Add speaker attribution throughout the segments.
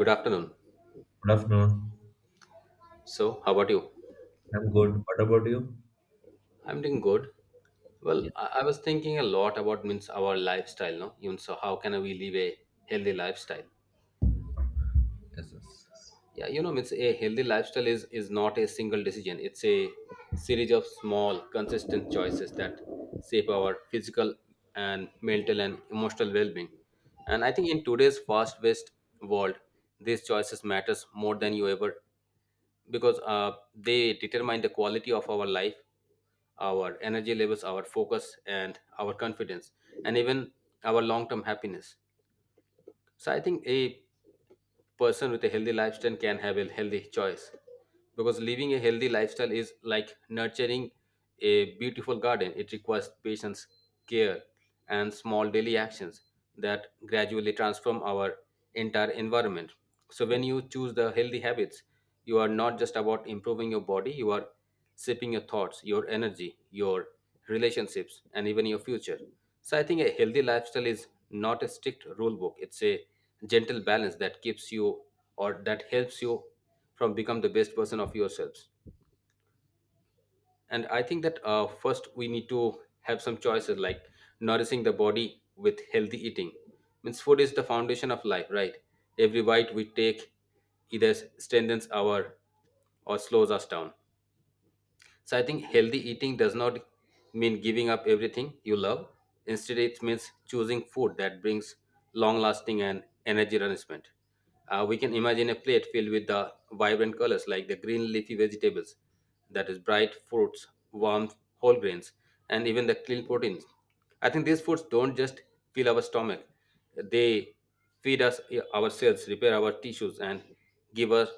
Speaker 1: Good afternoon.
Speaker 2: Good afternoon.
Speaker 1: So, how about you?
Speaker 2: I'm good. What about you?
Speaker 1: I'm doing good. Well,
Speaker 2: Yes,
Speaker 1: I was thinking a lot about means our lifestyle, no? Even so, how can we live a healthy lifestyle?
Speaker 2: yes, yes.
Speaker 1: Yeah, means a healthy lifestyle is not a single decision. It's a series of small, consistent choices that shape our physical and mental and emotional well-being. And I think in today's fast-paced world, these choices matters more than you ever because they determine the quality of our life our energy levels, our focus, and our confidence, and even our long term happiness. So, I think a person with a healthy lifestyle can have a healthy choice because living a healthy lifestyle is like nurturing a beautiful garden. It requires patience, care, and small daily actions that gradually transform our entire environment. So, when you choose the healthy habits, you are not just about improving your body, you are shaping your thoughts, your energy, your relationships, and even your future. So I think a healthy lifestyle is not a strict rule book. It's a gentle balance that keeps you or that helps you from become the best version of yourselves. And I think that first we need to have some choices like nourishing the body with healthy eating. Means food is the foundation of life, right? Every bite we take either strengthens our or slows us down. So I think healthy eating does not mean giving up everything you love. Instead, it means choosing food that brings long lasting and energy nourishment. We can imagine a plate filled with the vibrant colors like the green leafy vegetables, that is, bright fruits, warm whole grains, and even the clean proteins. I think these foods don't just fill our stomach, they feed us our cells, repair our tissues, and give us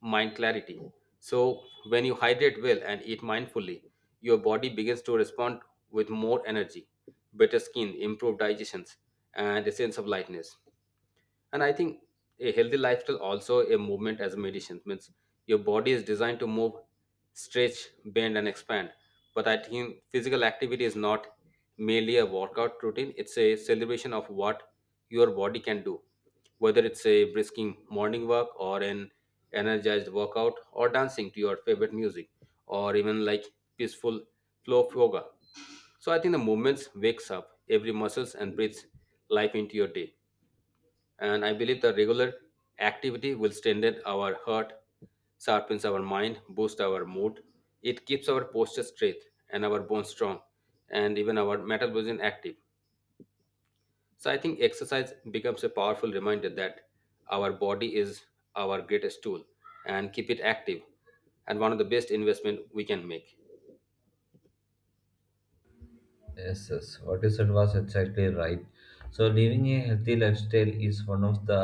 Speaker 1: mind clarity. So, when you hydrate well and eat mindfully, your body begins to respond with more energy, better skin, improved digestions, and a sense of lightness. And I think a healthy lifestyle also a movement as a medicine means your body is designed to move, stretch, bend, and expand. But I think physical activity is not merely a workout routine. It's a celebration of what your body can do, whether it's a brisking morning walk or an energized workout or dancing to your favorite music or even like peaceful flow of yoga. So I think the movements wakes up every muscles and breathes life into your day. And I believe the regular activity will strengthen our heart, sharpens our mind, boosts our mood. It keeps our posture straight and our bones strong, and even our metabolism active. So I think exercise becomes a powerful reminder that our body is our greatest tool and keep it active and one of the best investment we can make.
Speaker 2: Yes, yes. What you said was exactly right. So, living a healthy lifestyle is one of the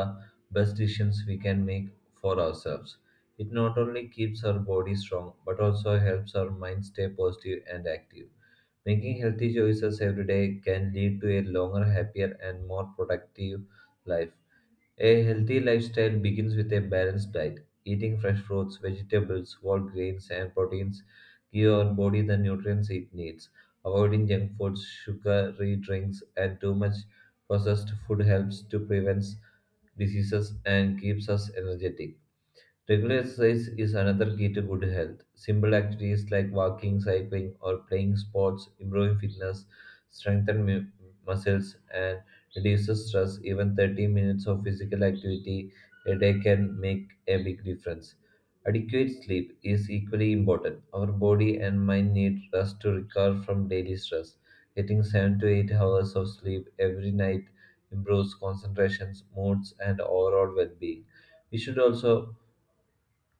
Speaker 2: best decisions we can make for ourselves. It not only keeps our body strong, but also helps our mind stay positive and active. Making healthy choices every day can lead to a longer, happier, and more productive life. A healthy lifestyle begins with a balanced diet. Eating fresh fruits, vegetables, whole grains, and proteins give our body the nutrients it needs. Avoiding junk foods, sugary drinks, and too much processed food helps to prevent diseases and keeps us energetic. Regular exercise is another key to good health. Simple activities like walking, cycling, or playing sports improve fitness, strengthen mu- muscles, and reduces stress. Even 30 minutes of physical activity a day can make a big difference. Adequate sleep is equally important. Our body and mind need rest to recover from daily stress. Getting 7 to 8 hours of sleep every night improves concentrations, moods, and overall well being. We should also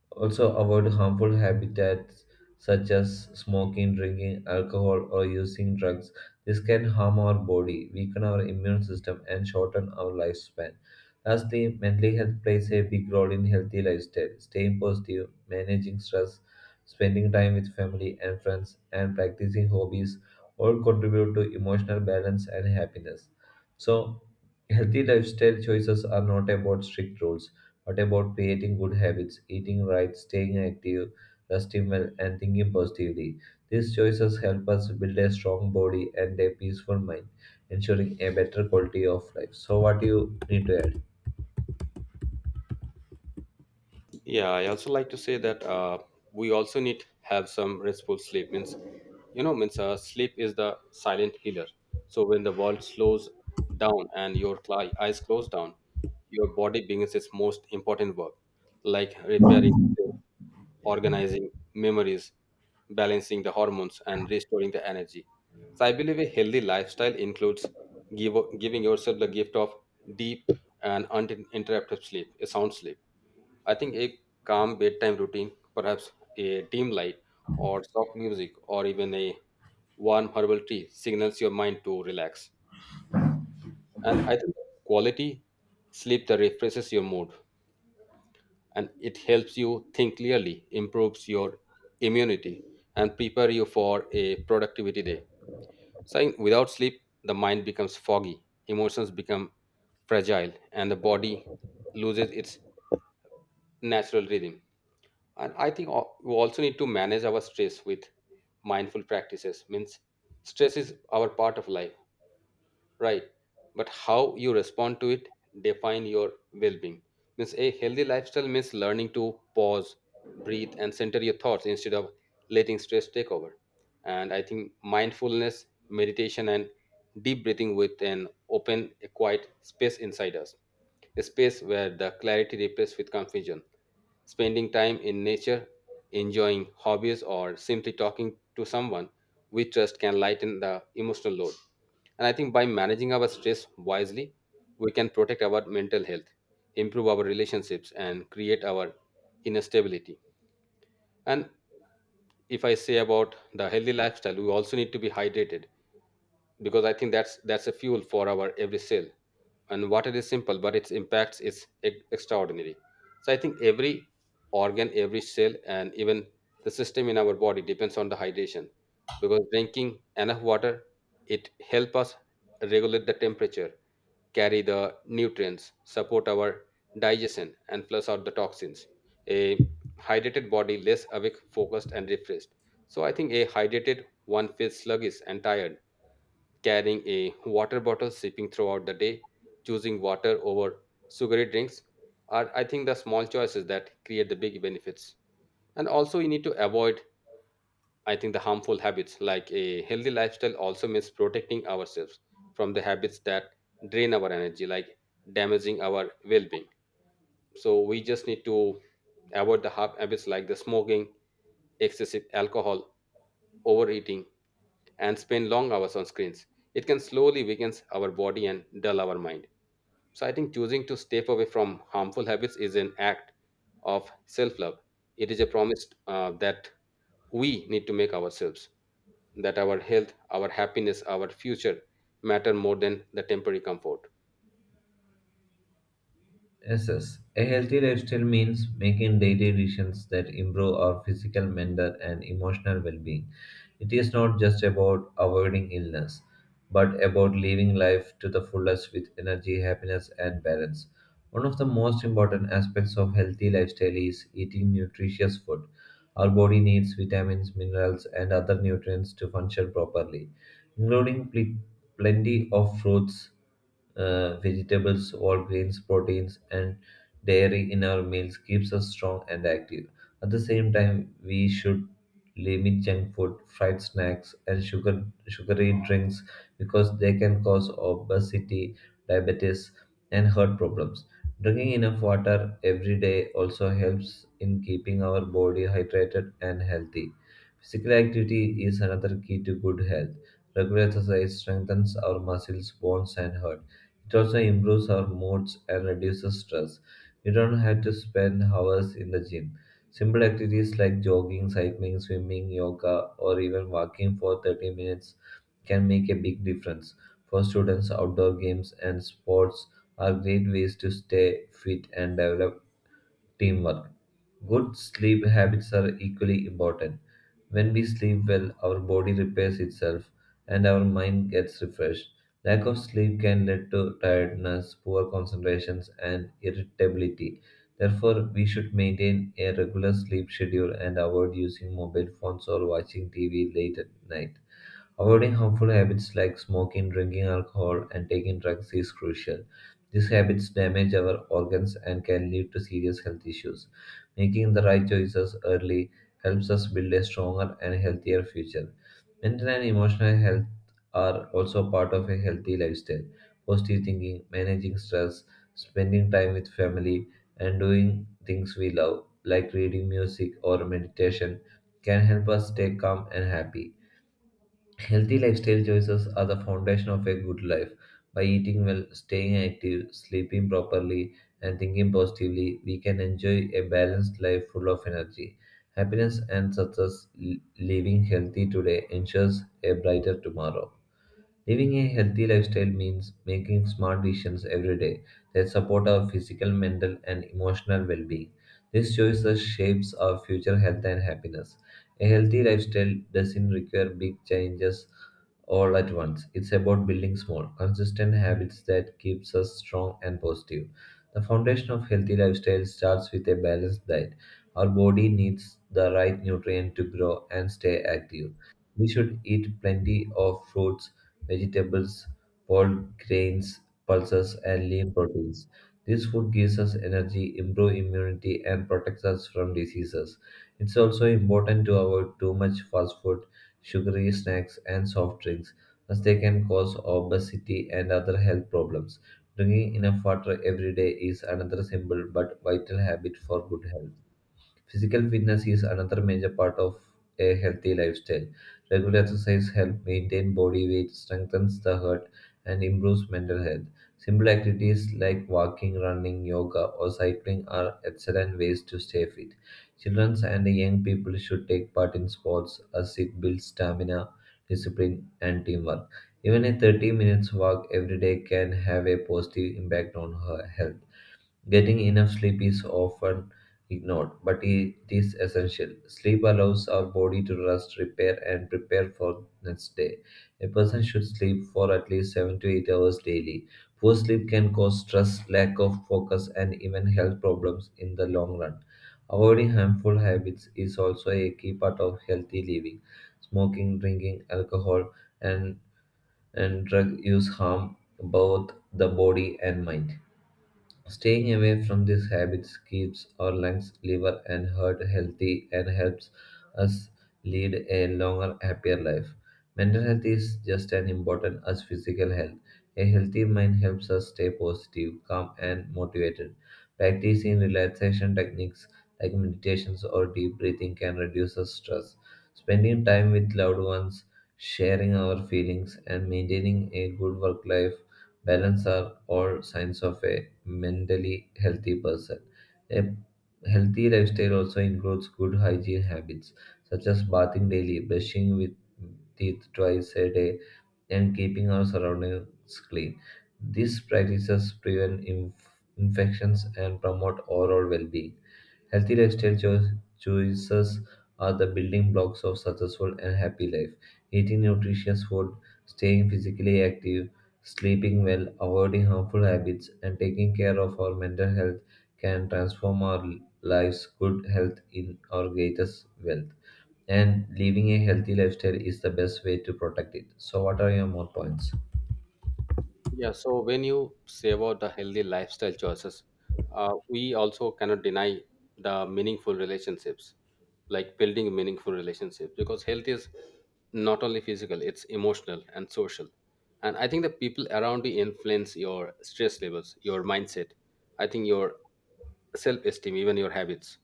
Speaker 2: also, avoid harmful habitats such as smoking, drinking alcohol, or using drugs. This can harm our body, weaken our immune system, and shorten our lifespan. Lastly, mental health plays a big role in healthy lifestyle. Staying positive, managing stress, spending time with family and friends, and practicing hobbies all contribute to emotional balance and happiness. So, healthy lifestyle choices are not about strict rules what about creating good habits, eating right, staying active, resting well, and thinking positively. These choices help us build a strong body and a peaceful mind, ensuring a better quality of life. So, what do you need to add?
Speaker 1: Yeah, I also like to say that we also need to have some restful sleep. Means, means sleep is the silent healer. So when the world slows down and your eyes close down, your body begins its most important work, like repairing, organizing memories, balancing the hormones, and restoring the energy. So I believe a healthy lifestyle includes giving yourself the gift of deep and uninterrupted sleep, a sound sleep. I think a calm bedtime routine, perhaps a dim light or soft music or even a warm herbal tea signals your mind to relax. And I think quality sleep that refreshes your mood and it helps you think clearly, improves your immunity and prepare you for a productivity day. Saying without sleep, the mind becomes foggy, emotions become fragile and the body loses its natural rhythm. And I think we also need to manage our stress with mindful practices. Means stress is our part of life, right? But how you respond to it define your well-being. Means a healthy lifestyle means learning to pause, breathe, and center your thoughts instead of letting stress take over. And I think mindfulness meditation and deep breathing with an open a quiet space inside us, a space where the clarity replaces with confusion. Spending time in nature, enjoying hobbies, or simply talking to someone we trust can lighten the emotional load. And I think by managing our stress wisely, we can protect our mental health, improve our relationships, and create our inner stability. And if I say about the healthy lifestyle, we also need to be hydrated because I think that's a fuel for our every cell. And water is simple but its impacts is extraordinary. So I think every organ, every cell, and even the system in our body depends on the hydration because drinking enough water it help us regulate the temperature, carry the nutrients, support our digestion, and flush out the toxins. A hydrated body less awake, focused, and refreshed. So I think a hydrated one feels sluggish and tired. Carrying a water bottle, sipping throughout the day, choosing water over sugary drinks are, I think, the small choices that create the big benefits. And also, we need to avoid, I think, the harmful habits. Like a healthy lifestyle also means protecting ourselves from the habits that drain our energy, like damaging our well being. So, we just need to avoid the habits like the smoking, excessive alcohol, overeating, and spend long hours on screens. It can slowly weaken our body and dull our mind. So I think choosing to step away from harmful habits is an act of self-love. It is a promise that we need to make ourselves that our health, our happiness, our future matter more than the temporary comfort.
Speaker 2: Yes, yes. A healthy lifestyle means making daily decisions that improve our physical, mental, and emotional well being. It is not just about avoiding illness, but about living life to the fullest with energy, happiness, and balance. One of the most important aspects of healthy lifestyle is eating nutritious food. Our body needs vitamins, minerals, and other nutrients to function properly, including plenty of fruits vegetables, whole grains, proteins, and dairy in our meals keeps us strong and active. At the same time, we should limit junk food, fried snacks, and sugary drinks because they can cause obesity, diabetes, and heart problems. Drinking enough water every day also helps in keeping our body hydrated and healthy. Physical activity is another key to good health. Regular exercise strengthens our muscles, bones, and heart it also improves our moods and reduces stress. We don't have to spend hours in the gym. Simple activities like jogging, cycling, swimming, yoga, or even walking for 30 minutes can make a big difference. For students, outdoor games and sports are great ways to stay fit and develop teamwork. Good sleep habits are equally important. When we sleep well, our body repairs itself and our mind gets refreshed. Lack of sleep can lead to tiredness, poor concentrations, and irritability. Therefore, we should maintain a regular sleep schedule and avoid using mobile phones or watching TV late at night. Avoiding harmful habits like smoking, drinking alcohol, and taking drugs is crucial. These habits damage our organs and can lead to serious health issues. Making the right choices early helps us build a stronger and healthier future. Mental and emotional health are also part of a healthy lifestyle. Positive thinking, managing stress, spending time with family, and doing things we love, like reading music or meditation, can help us stay calm and happy. Healthy lifestyle choices are the foundation of a good life. By eating well, staying active, sleeping properly, and thinking positively, we can enjoy a balanced life full of energy. Happiness and success living healthy today ensures a brighter tomorrow. Living a healthy lifestyle means making smart decisions every day that support our physical, mental, and emotional well being. These choices shapes our future health and happiness. A healthy lifestyle doesn't require big changes all at once. It's about building small, consistent habits that keeps us strong and positive. The foundation of healthy lifestyle starts with a balanced diet. Our body needs the right nutrient to grow and stay active. We should eat plenty of fruits, vegetables, whole grains, pulses, and lean proteins. This food gives us energy, improves immunity, and protects us from diseases. It's also important to avoid too much fast food, sugary snacks, and soft drinks, as they can cause obesity and other health problems. Drinking enough water every day is another simple but vital habit for good health. Physical fitness is another major part of a healthy lifestyle. Regular exercise helps maintain body weight, strengthens the heart, and improves mental health. Simple activities like walking, running, yoga, or cycling are excellent ways to stay fit. Children and young people should take part in sports as it builds stamina, discipline, and teamwork. Even a 30 minutes walk every day can have a positive impact on her health. Getting enough sleep is often ignored, but it is essential. Sleep allows our body to rest, repair, and prepare for next day. A person should sleep for at least 7 to 8 hours daily. Poor sleep can cause stress, lack of focus, and even health problems in the long run. Avoiding harmful habits is also a key part of healthy living. Smoking, drinking, alcohol, and, and drug use harm both the body and mind. Staying away from these habits keeps our lungs, liver, and heart healthy and helps us lead a longer, happier life. Mental health is just as important as physical health. A healthy mind helps us stay positive, calm, and motivated. Practicing relaxation techniques like meditations or deep breathing can reduce our stress. Spending time with loved ones, sharing our feelings, and maintaining a good work life balance are all signs of a mentally healthy person. A healthy lifestyle also includes good hygiene habits such as bathing daily, brushing with teeth twice a day, and keeping our surroundings clean. These practices prevent infections and promote overall well being. Healthy lifestyle choices are the building blocks of successful and happy life. Eating nutritious food, staying physically active, sleeping well, avoiding harmful habits, and taking care of our mental health can transform our lives. Good health in our greatest wealth and living a healthy lifestyle is the best way to protect it. So, what are your more points?
Speaker 1: Yeah, so when you say about the healthy lifestyle choices, we also cannot deny the meaningful relationships, like building meaningful relationships, because health is not only physical, it's emotional and social. And I think the people around you influence your stress levels, your mindset, I think your self esteem, even your habits,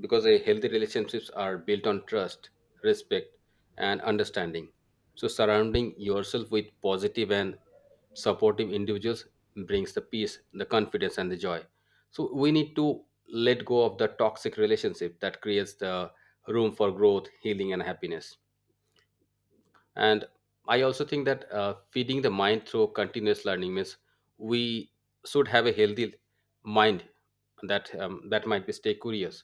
Speaker 1: because a healthy relationships are built on trust, respect, and understanding. So, surrounding yourself with positive and supportive individuals brings the peace, the confidence, and the joy. So, we need to let go of the toxic relationship that creates the room for growth, healing, and happiness. And I also think that feeding the mind through continuous learning means we should have a healthy mind that that might be stay curious.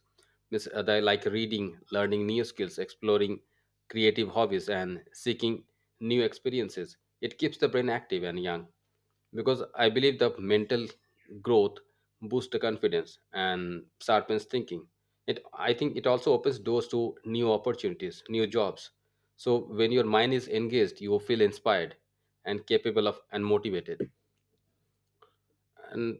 Speaker 1: Means they like reading, learning new skills, exploring creative hobbies, and seeking new experiences. It keeps the brain active and young because I believe the mental growth boosts the confidence and sharpens thinking. It, I think it also opens doors to new opportunities, new jobs. So when your mind is engaged you feel inspired and capable of and motivated. And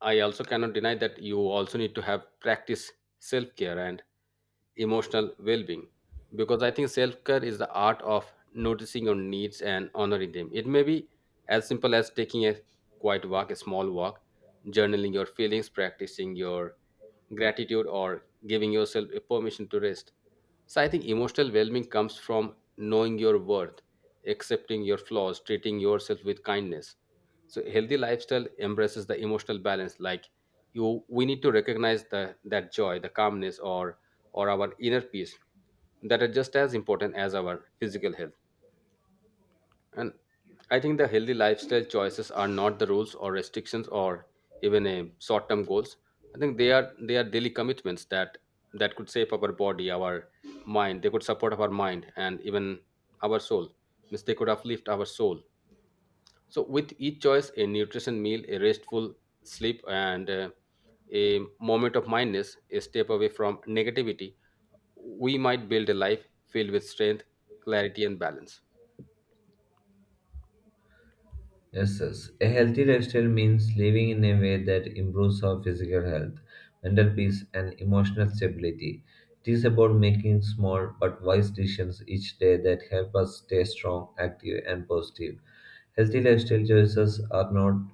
Speaker 1: I also cannot deny that you also need to have practice self care and emotional well being because I think self care is the art of noticing your needs and honoring them. It may be as simple as taking a quiet walk, a small walk, journaling your feelings, practicing your gratitude or giving yourself a permission to rest. So I think emotional well-being comes from knowing your worth, accepting your flaws, treating yourself with kindness. So a healthy lifestyle embraces the emotional balance like you we need to recognize the that joy, the calmness, or our inner peace that are just as important as our physical health. And I think the healthy lifestyle choices are not the rules or restrictions or even a short-term goals. I think they are daily commitments that that could shape our body, our mind. They could support our mind and even our soul. Means they could uplift our soul. So with each choice, a nutrition meal, a restful sleep, and a moment of mindness, a step away from negativity, we might build a life filled with strength, clarity, and balance.
Speaker 2: Yes, yes. A healthy lifestyle means living in a way that improves our physical health, mental peace, and emotional stability. It is about making small but wise decisions each day that help us stay strong, active, and positive. Healthy lifestyle choices are not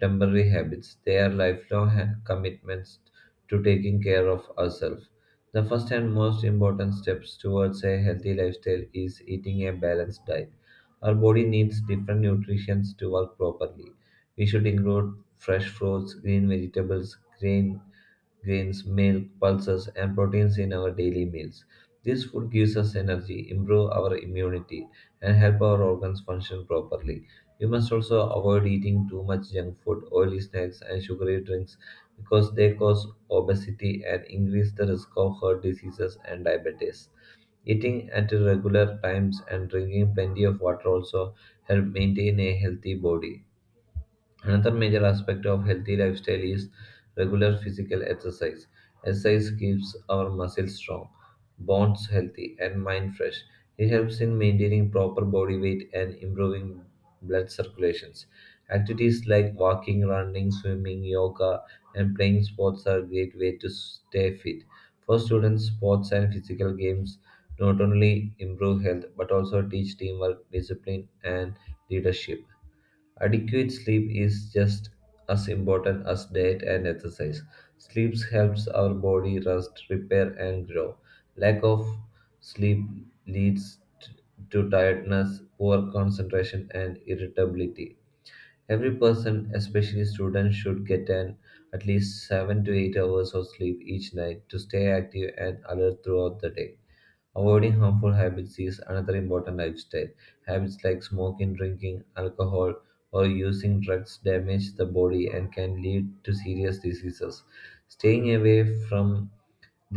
Speaker 2: temporary habits, they are lifelong commitments to taking care of ourselves. The first and most important steps towards a healthy lifestyle is eating a balanced diet. Our body needs different nutrients to work properly. We should include fresh fruits, green vegetables, grains, milk, pulses, and proteins in our daily meals. This food gives us energy, improve our immunity, and help our organs function properly. We must also avoid eating too much junk food, oily snacks, and sugary drinks because they cause obesity and increase the risk of heart diseases and diabetes. Eating at regular times and drinking plenty of water also help maintain a healthy body. Another major aspect of healthy lifestyle is regular physical exercise. Exercise keeps our muscles strong, bones healthy, and mind fresh. It helps in maintaining proper body weight and improving blood circulations. Activities like walking, running, swimming, yoga, and playing sports are a great way to stay fit. For students, sports and physical games not only improve health but also teach teamwork, discipline, and leadership. Adequate sleep is just as important as diet and exercise. Sleep helps our body rest, repair, and grow. Lack of sleep leads t- to tiredness, poor concentration, and irritability. Every person, especially students, should get an at least 7 to 8 hours of sleep each night to stay active and alert throughout the day. Avoiding harmful habits is another important lifestyle. Habits like smoking, drinking, alcohol, or using drugs damage the body and can lead to serious diseases. Staying away from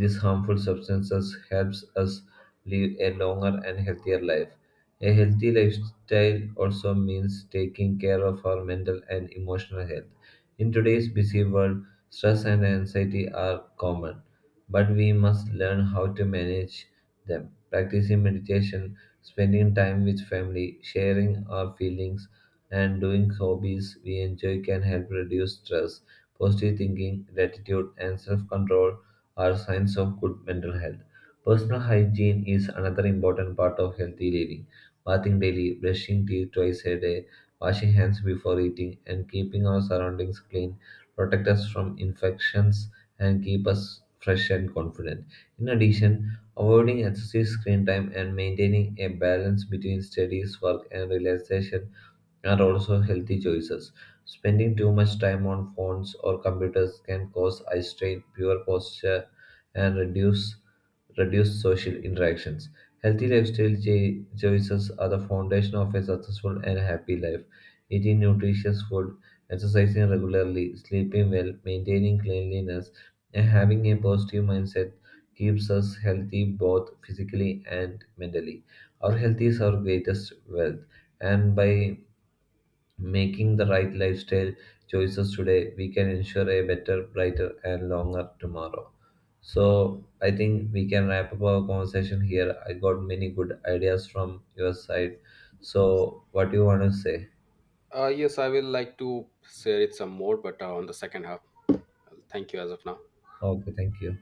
Speaker 2: these harmful substances helps us live a longer and healthier life. A healthy lifestyle also means taking care of our mental and emotional health. In today's busy world, stress and anxiety are common, but we must learn how to manage them. Practicing meditation, spending time with family, sharing our feelings, and doing hobbies we enjoy can help reduce stress. Positive thinking, gratitude, and self control are signs of good mental health. Personal hygiene is another important part of healthy living. Bathing daily, brushing teeth twice a day, washing hands before eating, and keeping our surroundings clean protect us from infections and keep us fresh and confident. In addition, avoiding excessive screen time and maintaining a balance between studies, work, and relaxation and also healthy choices. Spending too much time on phones or computers can cause eye strain, poor posture, and reduce social interactions. Healthy lifestyle choices are the foundation of a successful and happy life. Eating nutritious food, exercising regularly, sleeping well, maintaining cleanliness, and having a positive mindset keeps us healthy both physically and mentally. Our health is our greatest wealth, and by making the right lifestyle choices today, we can ensure a better, brighter, and longer tomorrow. So, I think we can wrap up our conversation here. I got many good ideas from your side. So, what do you want to say?
Speaker 1: Yes, I will like to share it some more, but on the second half. Thank you as of now.
Speaker 2: Okay, thank you.